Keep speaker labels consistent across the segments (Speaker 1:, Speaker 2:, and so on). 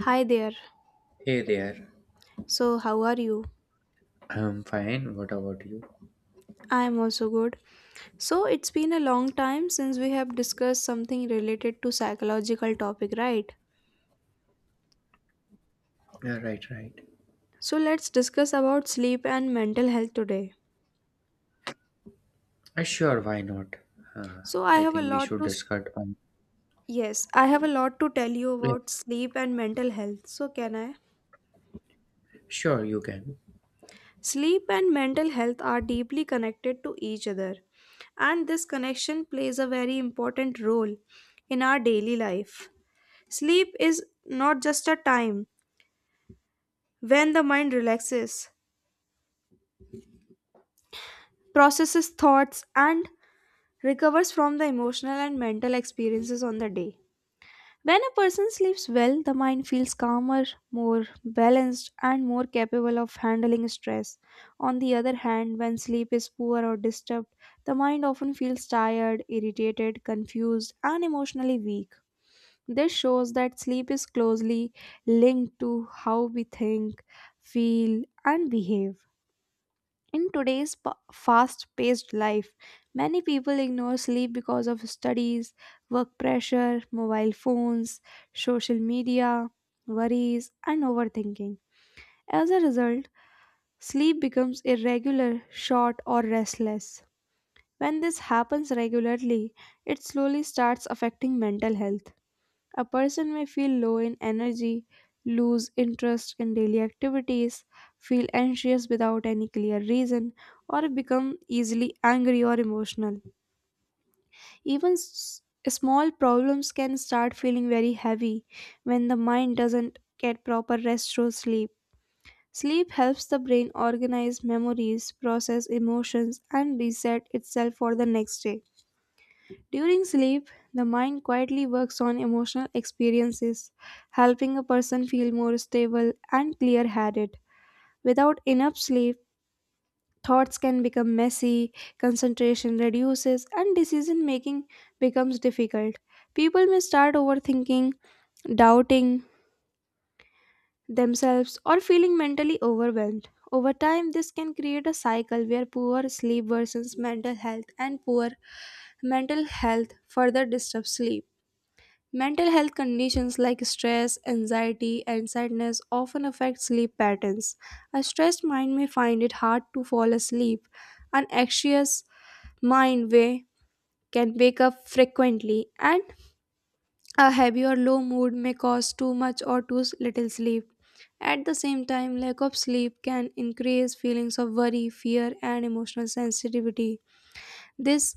Speaker 1: Hi there.
Speaker 2: Hey there.
Speaker 1: So, how are you?
Speaker 2: I'm fine. What about you?
Speaker 1: I am also good. So, it's been a long time since we have discussed something related to psychological topic, right?
Speaker 2: Yeah, right, right.
Speaker 1: So, let's discuss about sleep and mental health today.
Speaker 2: Sure, why not? Uh,
Speaker 1: So, I
Speaker 2: I
Speaker 1: have a
Speaker 2: think we
Speaker 1: lot
Speaker 2: should
Speaker 1: to s-
Speaker 2: discuss on.
Speaker 1: Yes, I have a lot to tell you
Speaker 2: Yeah,
Speaker 1: about sleep and mental health. So, can I?
Speaker 2: sure, you can.
Speaker 1: Sleep and mental health are deeply connected to each other, and this connection plays a very important role in our daily life. Sleep is not just a time when the mind relaxes, processes thoughts, and recovers from the emotional and mental experiences on the day. When a person sleeps well, the mind feels calmer, more balanced, and more capable of handling stress. On the other hand, when sleep is poor or disturbed, the mind often feels tired, irritated, confused, and emotionally weak. This shows that sleep is closely linked to how we think, feel, and behave. In today's fast paced life, many people ignore sleep because of studies, work pressure, mobile phones, social media, worries, and overthinking. As a result, sleep becomes irregular, short, or restless. When this happens regularly, it slowly starts affecting mental health. A person may feel low in energy, lose interest in daily activities, feel anxious without any clear reason, or become easily angry or emotional. Even small problems can start feeling very heavy when the mind doesn't get proper rest through sleep. Sleep helps the brain organize memories, process emotions, and reset itself for the next day. During sleep, the mind quietly works on emotional experiences, helping a person feel more stable and clear headed. Without enough sleep, thoughts can become messy, concentration reduces, and decision making becomes difficult. People may start overthinking, doubting themselves, or feeling mentally overwhelmed. Over time, this can create a cycle where poor sleep worsens mental health and poor mental health further disturbs sleep. Mental health conditions like stress, anxiety, and sadness often affect sleep patterns. A stressed mind may find it hard to fall asleep. An anxious mind may can wake up frequently, and a heavy or low mood may cause too much or too little sleep. At the same time, lack of sleep can increase feelings of worry, fear, and emotional sensitivity. This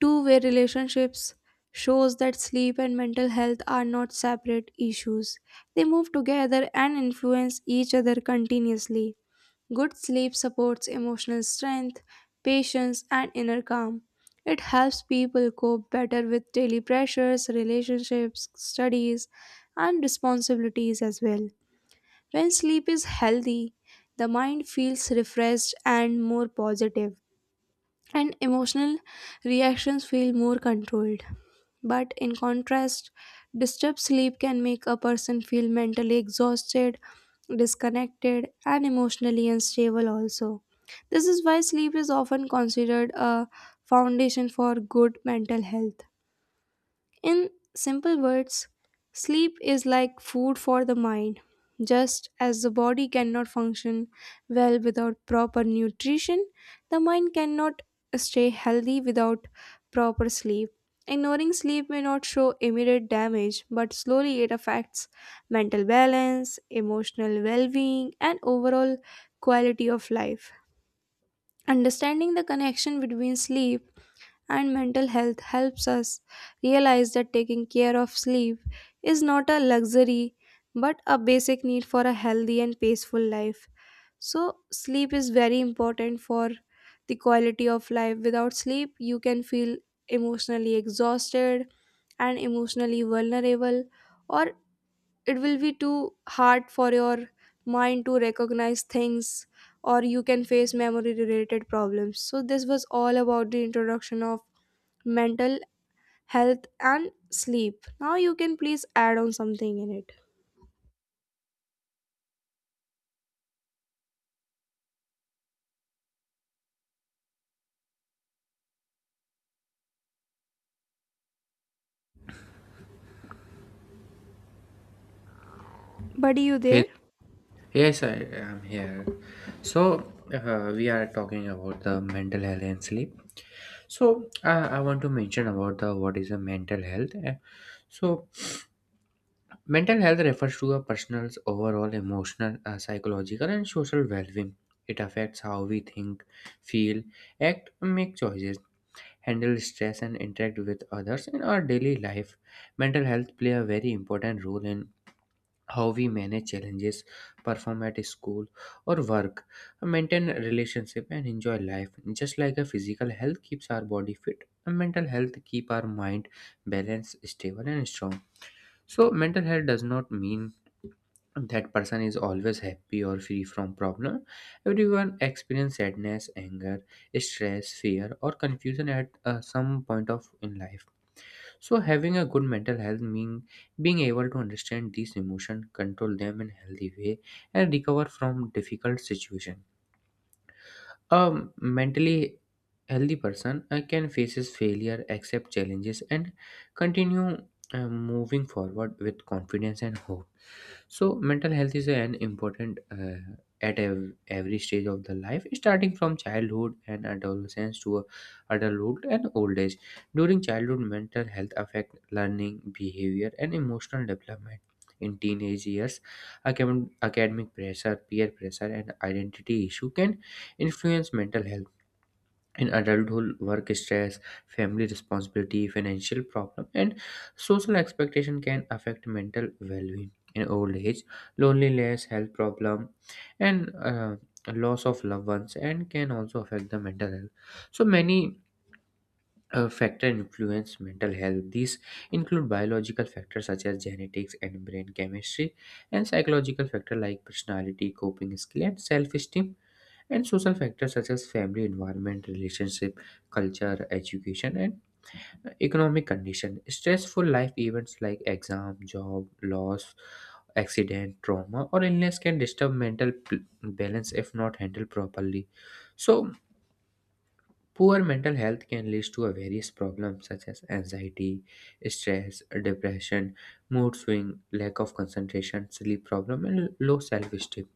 Speaker 1: two-way relationships shows that sleep and mental health are not separate issues. They move together and influence each other continuously. Good sleep supports emotional strength, patience, and inner calm. It helps people cope better with daily pressures, relationships, studies, and responsibilities as well. When sleep is healthy, the mind feels refreshed and more positive, and emotional reactions feel more controlled. But in contrast, disturbed sleep can make a person feel mentally exhausted, disconnected, and emotionally unstable also. This is why sleep is often considered a foundation for good mental health. In simple words, sleep is like food for the mind. Just as the body cannot function well without proper nutrition, the mind cannot stay healthy without proper sleep. Ignoring sleep may not show immediate damage, but slowly it affects mental balance, emotional well being, and overall quality of life. Understanding the connection between sleep and mental health helps us realize that taking care of sleep is not a luxury but a basic need for a healthy and peaceful life. So, sleep is very important for the quality of life. Without sleep, you can feel emotionally exhausted and emotionally vulnerable, or it will be too hard for your mind to recognize things, or you can face memory related problems. So, this was all about the introduction of mental health and sleep. Now you can please add on something in it, buddy. You there?
Speaker 2: Hey, yes, I am here. So, we are talking about the mental health and sleep. So, I want to mention about the what is a mental health. So, mental health refers to a person's overall emotional, psychological, and social well-being. It affects how we think, feel, act, and make choices. Handle stress and interact with others in our daily life. Mental health play a very important role in how we manage challenges, perform at school or work, maintain relationship and enjoy life. Just like a physical health keeps our body fit, a mental health keep our mind balanced, stable and strong. So mental health does not mean that person is always happy or free from problem. Everyone experience sadness, anger, stress, fear or confusion at some point of in life. So having a good mental health mean being able to understand these emotions, control them in healthy way, and recover from difficult situation. A mentally healthy person can faces failure, accept challenges, and continue moving forward with confidence and hope. So, mental health is an important at every stage of the life, starting from childhood and adolescence to adulthood and old age. During childhood, mental health affect learning, behavior, and emotional development. In teenage years, academic pressure, peer pressure, and identity issue can influence mental health. In adulthood, work stress, family responsibility, financial problem and social expectation can affect mental well-being. In old age, loneliness, health problem, and loss of loved ones and can also affect the mental health. So many factor influence mental health. These include biological factors such as genetics and brain chemistry, and psychological factor like personality, coping skill and self-esteem, and social factors such as family, environment, relationship, culture, education, and economic condition. Stressful life events like exam, job, loss, accident, trauma, or illness can disturb mental balance if not handled properly. So, poor mental health can lead to a various problems such as anxiety, stress, depression, mood swing, lack of concentration, sleep problem, and low self-esteem.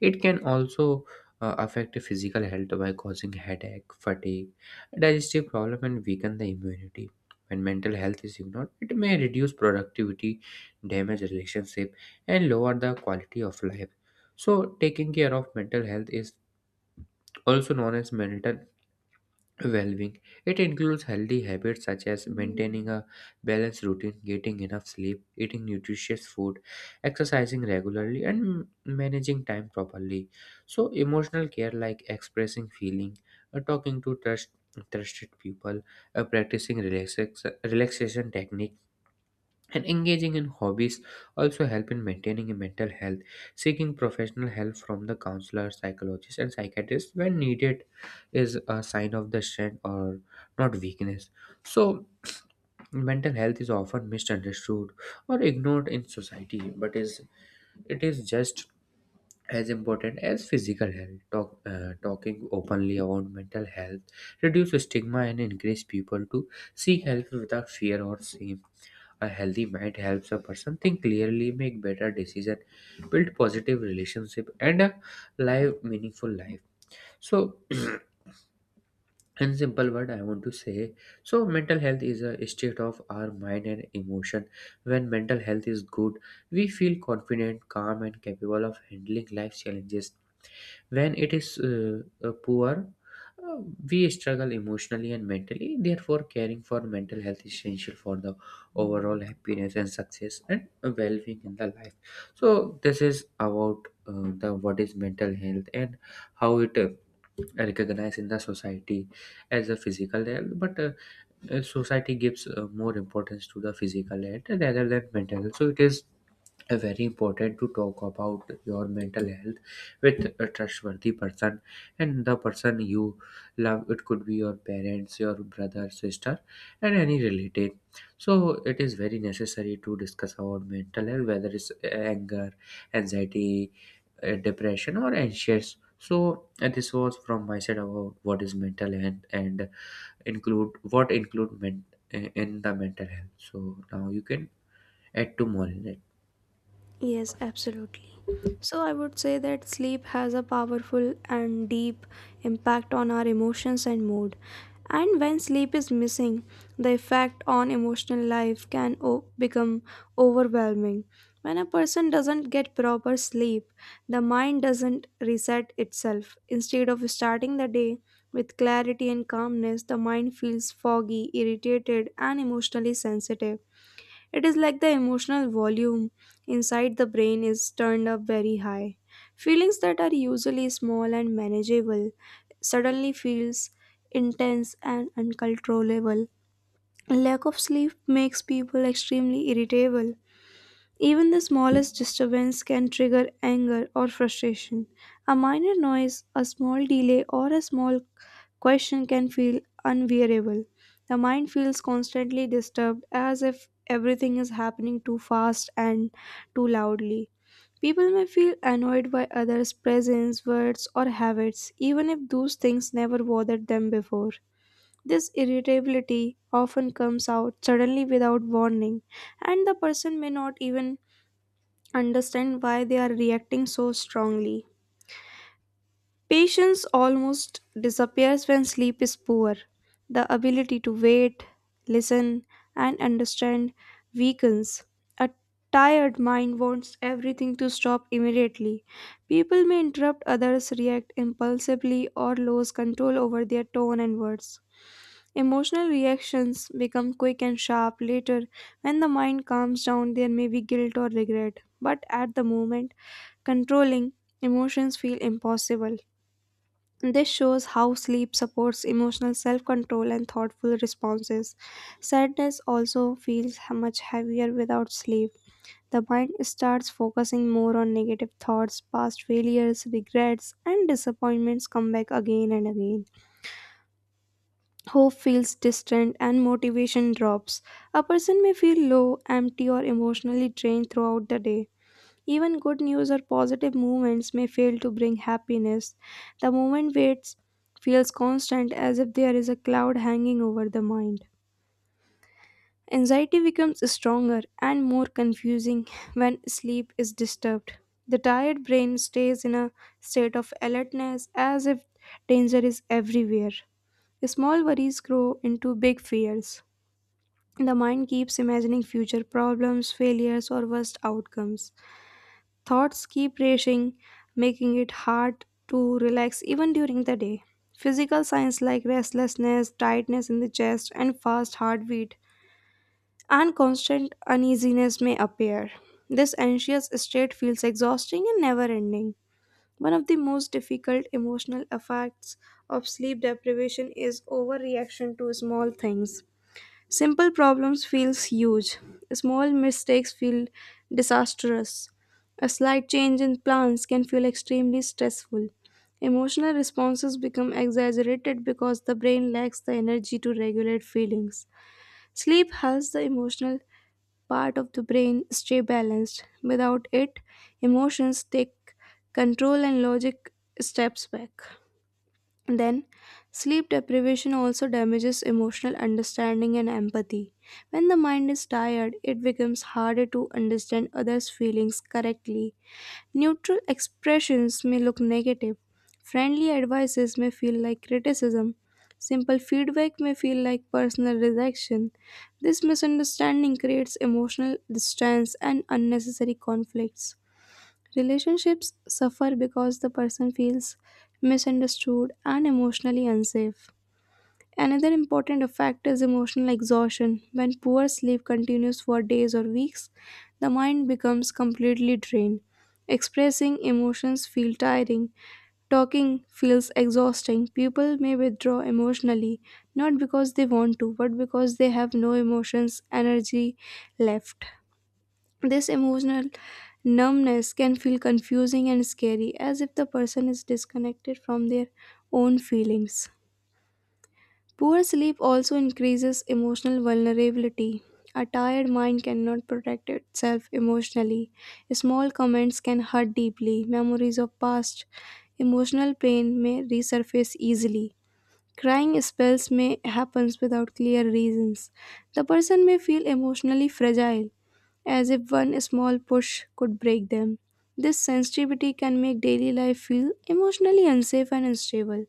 Speaker 2: It can also affect the physical health by causing headache, fatigue, digestive problem, and weaken the immunity. When mental health is ignored, it may reduce productivity, damage relationship, and lower the quality of life. So, taking care of mental health is also known as mental well being. It includes healthy habits such as maintaining a balanced routine, getting enough sleep, eating nutritious food, exercising regularly, and managing time properly. So, emotional care like expressing feeling, uh, talking to trust, trusted people, uh, practicing relaxation techniques and engaging in hobbies also help in maintaining a mental health. Seeking professional help from the counselor, psychologist and psychiatrist when needed is a sign of the strength or not weakness. So mental health is often misunderstood or ignored in society, but is it is just as important as physical health. Talking openly about mental health reduce stigma and encourage people to seek help without fear or shame. A healthy mind helps a person think clearly, make better decision, build positive relationship, and a live meaningful life. So, in simple word, I want to say so mental health is a state of our mind and emotion. When mental health is good, we feel confident, calm, and capable of handling life challenges. When it is poor, uh, we struggle emotionally and mentally. Therefore, caring for mental health is essential for the overall happiness and success and well-being in the life. So, this is about the what is mental health and how it recognized in the society as a physical health. But society gives more importance to the physical health rather than mental health. So, it is very important to talk about your mental health with a trustworthy person and the person you love. It could be your parents, your brother, sister and any relative. So it is very necessary to discuss about mental health, whether it's anger, anxiety, depression or anxious. So this was from my side about what is mental health and include what include in the mental health. So now you can add to more in it.
Speaker 1: Yes, absolutely. So I would say that sleep has a powerful and deep impact on our emotions and mood. And when sleep is missing, the effect on emotional life can become overwhelming. When a person doesn't get proper sleep, the mind doesn't reset itself. Instead of starting the day with clarity and calmness, the mind feels foggy, irritated, and emotionally sensitive. It is like the emotional volume inside the brain is turned up very high. Feelings that are usually small and manageable suddenly feels intense and uncontrollable. Lack of sleep makes people extremely irritable. Even the smallest disturbance can trigger anger or frustration. A minor noise, a small delay, or a small question can feel unbearable. The mind feels constantly disturbed as if everything is happening too fast and too loudly. People may feel annoyed by others' presence, words, or habits, even if those things never bothered them before. This irritability often comes out suddenly without warning, and the person may not even understand why they are reacting so strongly. Patience almost disappears when sleep is poor. The ability to wait, listen, and understand weakens. A tired mind wants everything to stop immediately. People may interrupt others, react impulsively, or lose control over their tone and words. Emotional reactions become quick and sharp later. When the mind calms down, there may be guilt or regret, but at the moment, controlling emotions feel impossible. This shows how sleep supports emotional self control and thoughtful responses. Sadness also feels much heavier without sleep. The mind starts focusing more on negative thoughts, past failures, regrets, and disappointments come back again and again. Hope feels distant and motivation drops. A person may feel low, empty, or emotionally drained throughout the day. Even good news or positive movements may fail to bring happiness. The moment waits feels constant as if there is a cloud hanging over the mind. Anxiety becomes stronger and more confusing when sleep is disturbed. The tired brain stays in a state of alertness as if danger is everywhere. Small worries grow into big fears. The mind keeps imagining future problems, failures, or worst outcomes. Thoughts keep racing, making it hard to relax even during the day. Physical signs like restlessness, tightness in the chest, and fast heartbeat and constant uneasiness may appear. This anxious state feels exhausting and never ending. One of the most difficult emotional effects of sleep deprivation is overreaction to small things. Simple problems feels huge. Small mistakes feel disastrous. A slight change in plans can feel extremely stressful. Emotional responses become exaggerated because the brain lacks the energy to regulate feelings. Sleep helps the emotional part of the brain stay balanced. Without it, emotions take control and logic steps back. Then, sleep deprivation also damages emotional understanding and empathy. When the mind is tired, it becomes harder to understand others' feelings correctly. Neutral expressions may look negative, friendly advices may feel like criticism, simple feedback may feel like personal rejection. This misunderstanding creates emotional distance and unnecessary conflicts. Relationships suffer because the person feels misunderstood and emotionally unsafe. Another important factor is emotional exhaustion. When poor sleep continues for days or weeks, the mind becomes completely drained. Expressing emotions feels tiring. Talking feels exhausting. People may withdraw emotionally, not because they want to, but because they have no emotions, energy left. This emotional numbness can feel confusing and scary, as if the person is disconnected from their own feelings. Poor sleep also increases emotional vulnerability. A tired mind cannot protect itself emotionally. Small comments can hurt deeply. Memories of past emotional pain may resurface easily. Crying spells may happen without clear reasons. The person may feel emotionally fragile as if one small push could break them. This sensitivity can make daily life feel emotionally unsafe and unstable.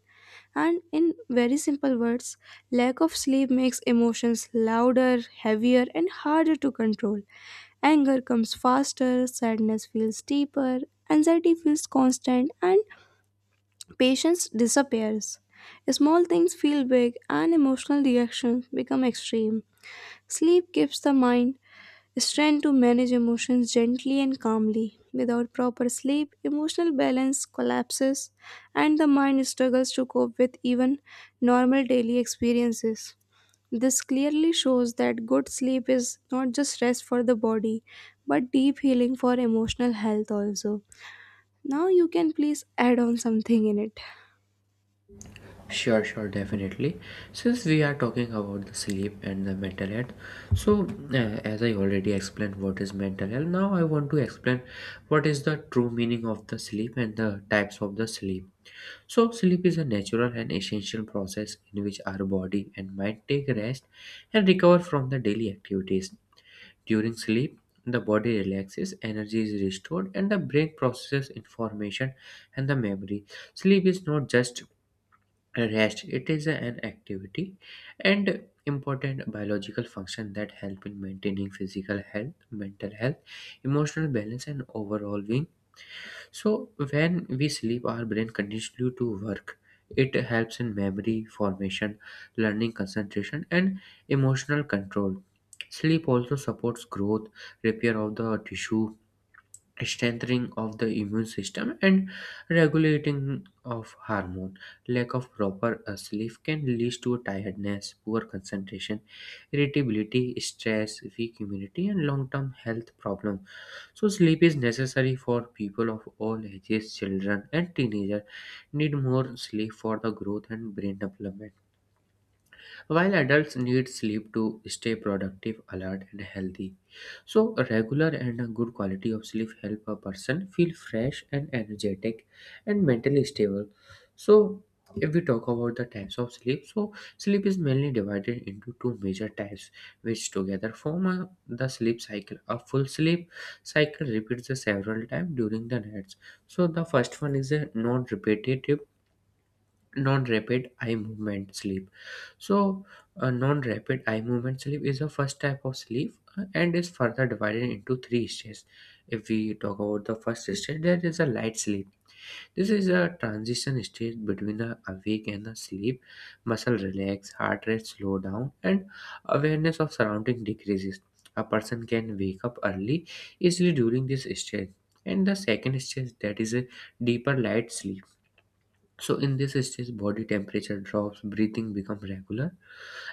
Speaker 1: And in very simple words, lack of sleep makes emotions louder, heavier, and harder to control. Anger comes faster, sadness feels deeper, anxiety feels constant, and patience disappears. Small things feel big, and emotional reactions become extreme. Sleep keeps the mind strength to manage emotions gently and calmly. Without proper sleep, emotional balance collapses and the mind struggles to cope with even normal daily experiences. This clearly shows that good sleep is not just rest for the body but deep healing for emotional health also. Now you can please add on something in it.
Speaker 2: Sure, sure, definitely. Since we are talking about the sleep and the mental health, so uh, as I already explained what is mental health, now I want to explain what is the true meaning of the sleep and the types of the sleep. So, sleep is a natural and essential process in which our body and mind take rest and recover from the daily activities. During sleep, the body relaxes, energy is restored, and the brain processes information and the memory. Sleep is not just rest, it is an activity and important biological function that help in maintaining physical health, mental health, emotional balance and overall being. So when we sleep, our brain continues to work. It helps in memory formation, learning, concentration and emotional control. Sleep also supports growth, repair of the tissue, strengthening of the immune system and regulating of hormone. Lack of proper sleep can lead to tiredness, poor concentration, irritability, stress, weak immunity and long-term health problem. So sleep is necessary for people of all ages. Children and teenagers need more sleep for the growth and brain development, while adults need sleep to stay productive, alert, and healthy. So, a regular and a good quality of sleep help a person feel fresh and energetic and mentally stable. So, if we talk about the types of sleep, so sleep is mainly divided into two major types, which together form a, the sleep cycle. A full sleep cycle repeats the several times during the nights. So the first one is a non-repetitive non-rapid eye movement sleep. So a non-rapid eye movement sleep is the first type of sleep and is further divided into three stages. If we talk about the first stage, there is a light sleep. This is a transition stage between a awake and a sleep. Muscle relax, heart rate slow down and awareness of surrounding decreases. A person can wake up early easily during this stage. And the second stage, that is a deeper light sleep. So in this stage, body temperature drops, breathing becomes regular,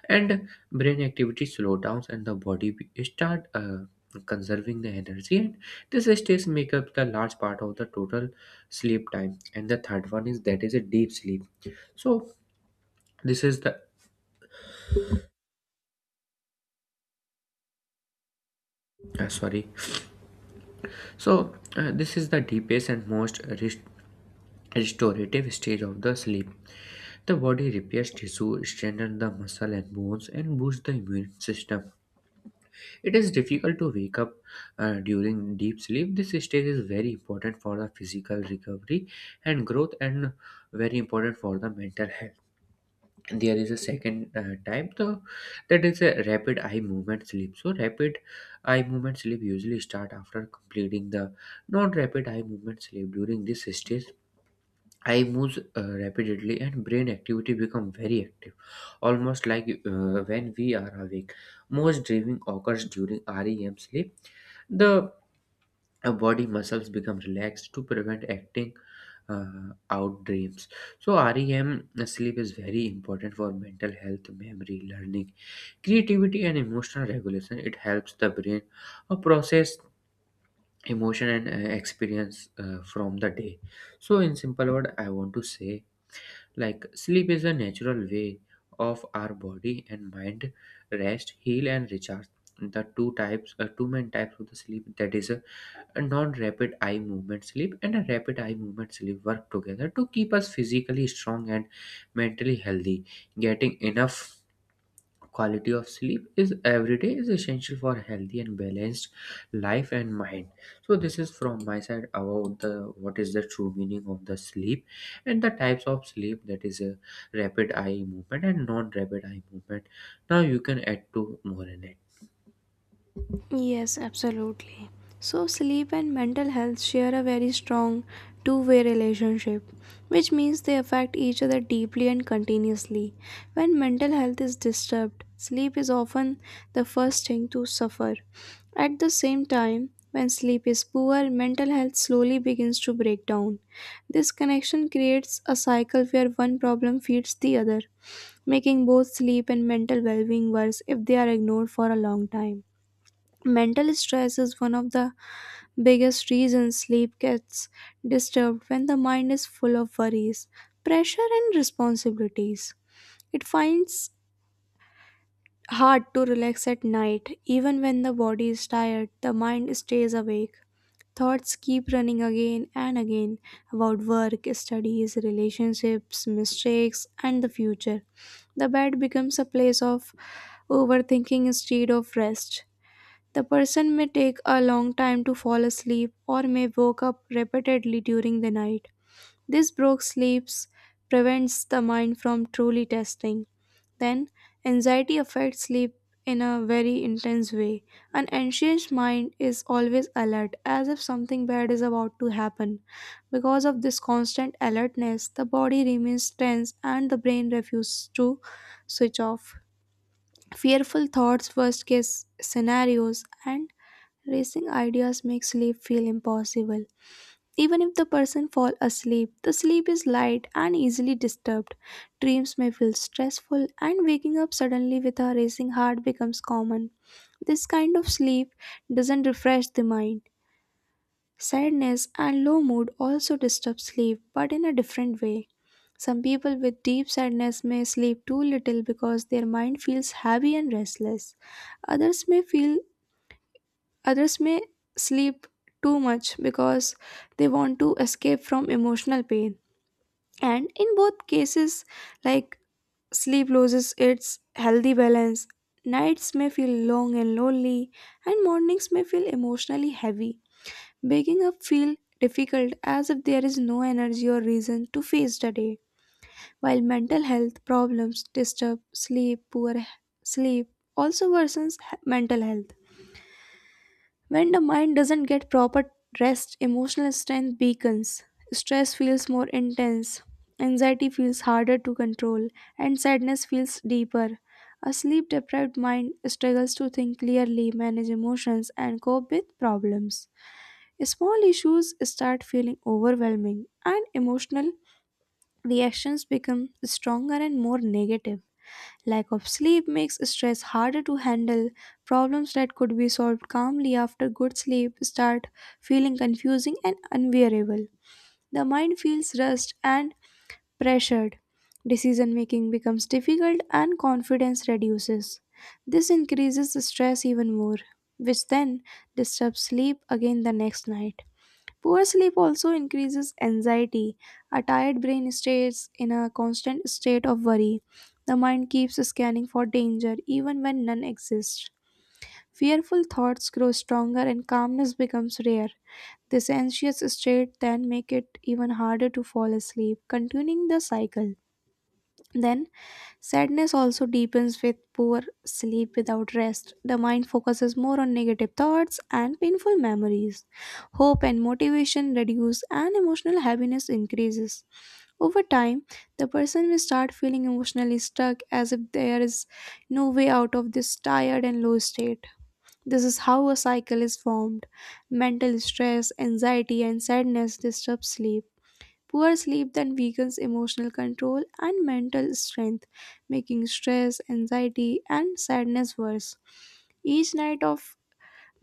Speaker 2: and brain activity slow down, and the body start conserving the energy. And this stage make up the large part of the total sleep time. And the third one is that is a deep sleep. So this is the sorry. So this is the deepest and most restorative stage of the sleep. The body repairs tissue, strengthens the muscle and bones, and boosts the immune system. It is difficult to wake up during deep sleep. This stage is very important for the physical recovery and growth, and very important for the mental health. There is a second type, though, that is a rapid eye movement sleep. So, rapid eye movement sleep usually start after completing the non-rapid eye movement sleep. During this stage, eye moves rapidly and brain activity become very active, almost like when we are awake. Most dreaming occurs during REM sleep. The body muscles become relaxed to prevent acting out dreams. So REM sleep is very important for mental health, memory, learning, creativity, and emotional regulation. It helps the brain process emotion and experience from the day. So in simple word, I want to say like sleep is a natural way of our body and mind rest, heal, and recharge. The two main types of the sleep, that is a non-rapid eye movement sleep and a rapid eye movement sleep, work together to keep us physically strong and mentally healthy. Getting enough quality of sleep is every day is essential for a healthy and balanced life and mind. So this is from my side about the what is the true meaning of the sleep and the types of sleep, that is a rapid eye movement and non-rapid eye movement. Now you can add to more in it.
Speaker 1: Yes, absolutely. So, sleep and mental health share a very strong two-way relationship, which means they affect each other deeply and continuously. When mental health is disturbed, sleep is often the first thing to suffer. At the same time, when sleep is poor, mental health slowly begins to break down. This connection creates a cycle where one problem feeds the other, making both sleep and mental well being worse if they are ignored for a long time. Mental stress is one of the biggest reasons sleep gets disturbed when the mind is full of worries, pressure, and responsibilities. It finds hard to relax at night even when the body is tired, the mind stays awake. Thoughts keep running again and again about work, studies, relationships, mistakes, and the future. The bed becomes a place of overthinking instead of rest. The person may take a long time to fall asleep or may wake up repeatedly during the night. This broken sleep prevents the mind from truly testing. Then, anxiety affects sleep in a very intense way. An anxious mind is always alert, as if something bad is about to happen. Because of this constant alertness, the body remains tense and the brain refuses to switch off. Fearful thoughts, worst case scenarios, and racing ideas make sleep feel impossible. Even if the person fall asleep, the sleep is light and easily disturbed. Dreams may feel stressful and waking up suddenly with a racing heart becomes common. This kind of sleep doesn't refresh the mind. Sadness and low mood also disturb sleep, but in a different way. Some people with deep sadness may sleep too little because their mind feels heavy and restless. Others may feel Others may sleep too much because they want to escape from emotional pain. And in both cases, like sleep loses its healthy balance. Nights may feel long and lonely, and mornings may feel emotionally heavy. Waking up feel difficult as if there is no energy or reason to face the day. While mental health problems disturb sleep, sleep also worsens mental health. When the mind doesn't get proper rest, emotional strength weakens. Stress feels more intense, anxiety feels harder to control, and sadness feels deeper. A sleep deprived mind struggles to think clearly, manage emotions, and cope with problems. Small issues start feeling overwhelming, and emotional reactions become stronger and more negative. Lack of sleep makes stress harder to handle. Problems that could be solved calmly after good sleep start feeling confusing and unbearable. The mind feels rushed and pressured. Decision making becomes difficult and confidence reduces. This increases the stress even more, which then disturbs sleep again the next night. Poor sleep also increases anxiety. A tired brain stays in a constant state of worry. The mind keeps scanning for danger even when none exists. Fearful thoughts grow stronger and calmness becomes rare. This anxious state then make it even harder to fall asleep, continuing the cycle. Then Sadness also deepens with poor sleep without rest. The mind focuses more on negative thoughts and painful memories. Hope and motivation reduce and emotional heaviness increases. Over time, the person will start feeling emotionally stuck as if there is no way out of this tired and low state. This is how a cycle is formed. Mental stress, anxiety, and sadness disturb sleep. Poor sleep then weakens emotional control and mental strength, making stress, anxiety, and sadness worse. Each night of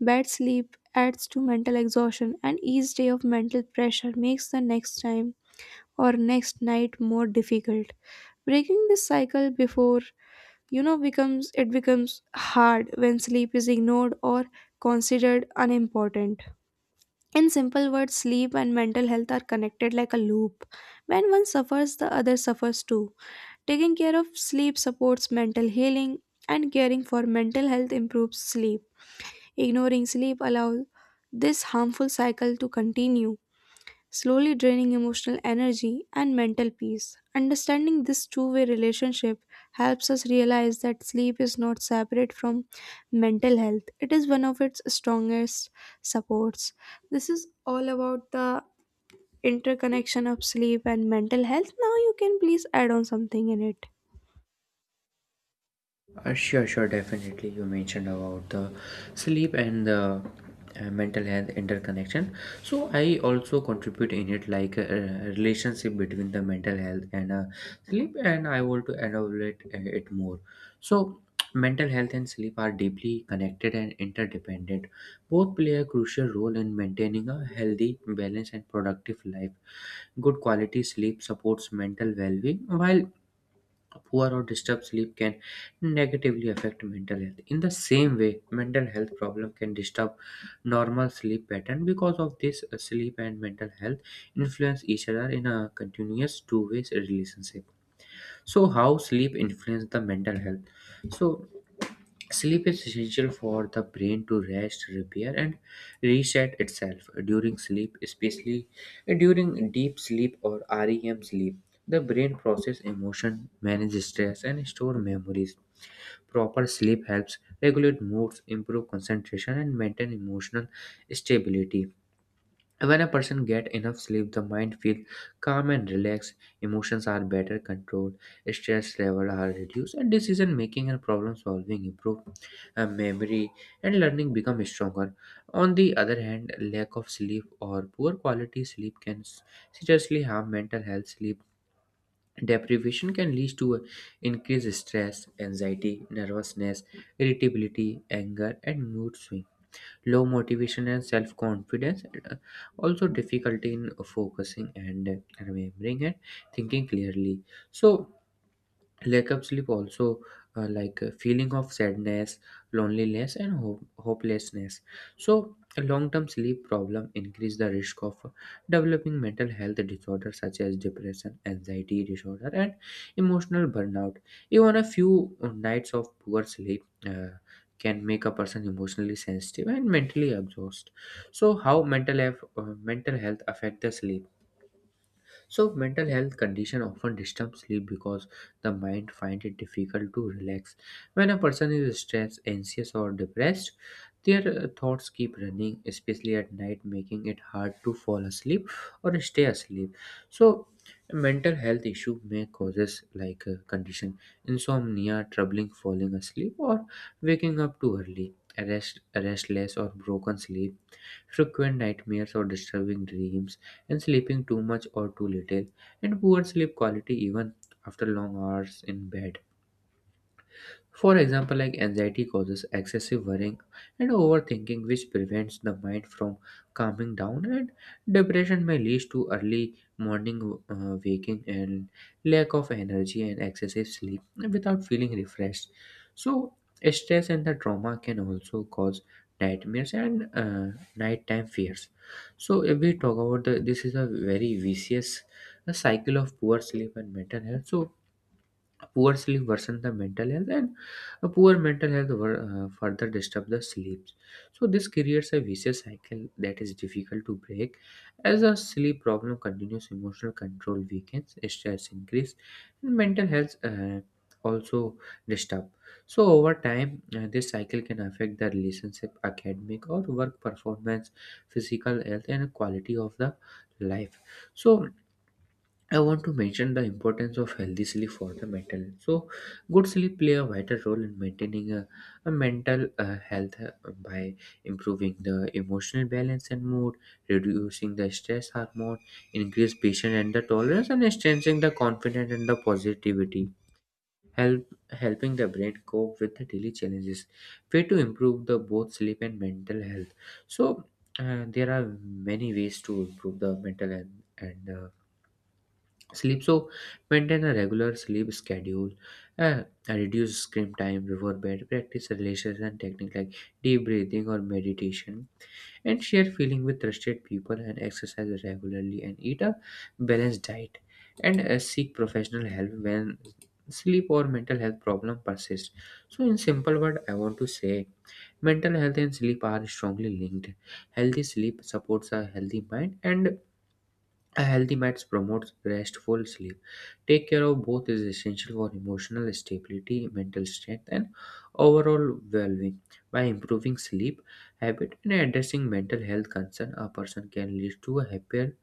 Speaker 1: bad sleep adds to mental exhaustion, and each day of mental pressure makes the next time or next night more difficult. Breaking this cycle before you know becomes it becomes hard when sleep is ignored or considered unimportant. In simple words, sleep and mental health are connected like a loop. When one suffers, the other suffers too. Taking care of sleep supports mental healing, and caring for mental health improves sleep. Ignoring sleep allows this harmful cycle to continue, slowly draining emotional energy and mental peace. Understanding this two-way relationship helps us realize that sleep is not separate from mental health, it is one of its strongest supports. This is all about the interconnection of sleep and mental health. Now, you can please add on something in it.
Speaker 2: Sure, sure, definitely. You mentioned about the sleep and the mental health interconnection. So I also contribute in it like a relationship between the mental health and sleep, and I want to elaborate it more. So mental health and sleep are deeply connected and interdependent. Both play a crucial role in maintaining a healthy, balanced, and productive life. Good quality sleep supports mental well-being, while a poor or disturbed sleep can negatively affect mental health. In the same way, mental health problem can disturb normal sleep pattern. Because of this, sleep and mental health influence each other in a continuous two-way relationship. So how sleep influence the mental health? So Sleep is essential for the brain to rest, repair, and reset itself during sleep, especially during deep sleep or REM sleep. The brain processes emotion, manages stress, and store memories. Proper sleep helps regulate moods, improve concentration, and maintain emotional stability. When a person get enough sleep, the mind feels calm and relaxed, emotions are better controlled, stress levels are reduced, and decision making and problem solving improve. Memory and learning become stronger. On the other hand, lack of sleep or poor quality sleep can seriously harm mental health. Sleep deprivation can lead to increased stress, anxiety, nervousness, irritability, anger, and mood swings, low motivation and self confidence, also difficulty in focusing and remembering and thinking clearly. So, lack of sleep also like a feeling of sadness, loneliness and hopelessness. So long term sleep problem increase the risk of developing mental health disorders such as depression, anxiety disorder and emotional burnout. Even a few nights of poor sleep can make a person emotionally sensitive and mentally exhausted. So how mental health affect the sleep? So mental health condition often disturb sleep because the mind finds it difficult to relax. When a person is stressed, anxious or depressed, their thoughts keep running, especially at night, making it hard to fall asleep or stay asleep. So mental health issue may causes like condition insomnia, troubling falling asleep or waking up too early. Restless or broken sleep, frequent nightmares or disturbing dreams, and sleeping too much or too little, and poor sleep quality even after long hours in bed. For example, like anxiety causes excessive worrying and overthinking, which prevents the mind from calming down, and depression may lead to early morning waking and lack of energy and excessive sleep without feeling refreshed. So, stress and the trauma can also cause nightmares and nighttime fears. So, if we talk about the, this is a very vicious cycle of poor sleep and mental health. So, poor sleep worsens the mental health, and a poor mental health further disturb the sleep. So this creates a vicious cycle that is difficult to break. As a sleep problem continues, emotional control weakens, stress increase, and mental health also disturb. So over time, this cycle can affect the relationship, academic or work performance, physical health, and quality of the life. So I want to mention the importance of healthy sleep for the mental. So, good sleep play a vital role in maintaining a mental health by improving the emotional balance and mood, reducing the stress hormone, increase patience and the tolerance, and strengthening the confidence and the positivity. Helping the brain cope with the daily challenges. Way to improve the both sleep and mental health. So, there are many ways to improve the mental and sleep. So maintain a regular sleep schedule uh, and reduce screen time before bed, practice relaxation technique like deep breathing or meditation, and share feeling with trusted people and exercise regularly and eat a balanced diet and seek professional help when sleep or mental health problem persist. So in simple word I want to say, mental health and sleep are strongly linked. Healthy sleep supports a healthy mind and a healthy mind promotes restful sleep. Take care of both is essential for emotional stability, mental strength, and overall well-being. By improving sleep habit and addressing mental health concern, a person can lead to a happier,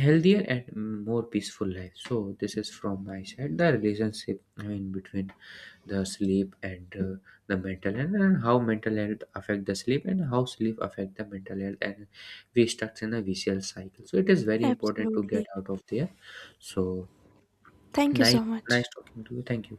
Speaker 2: healthier and more peaceful life. So this is from my side, the relationship I mean between the sleep and the mental health, and how mental health affect the sleep and how sleep affect the mental health, and we stuck in a vicious cycle, so it is very important to get
Speaker 1: Absolutely.
Speaker 2: out of there. So
Speaker 1: Thank you
Speaker 2: nice,
Speaker 1: so much.
Speaker 2: nice talking to you. Thank you.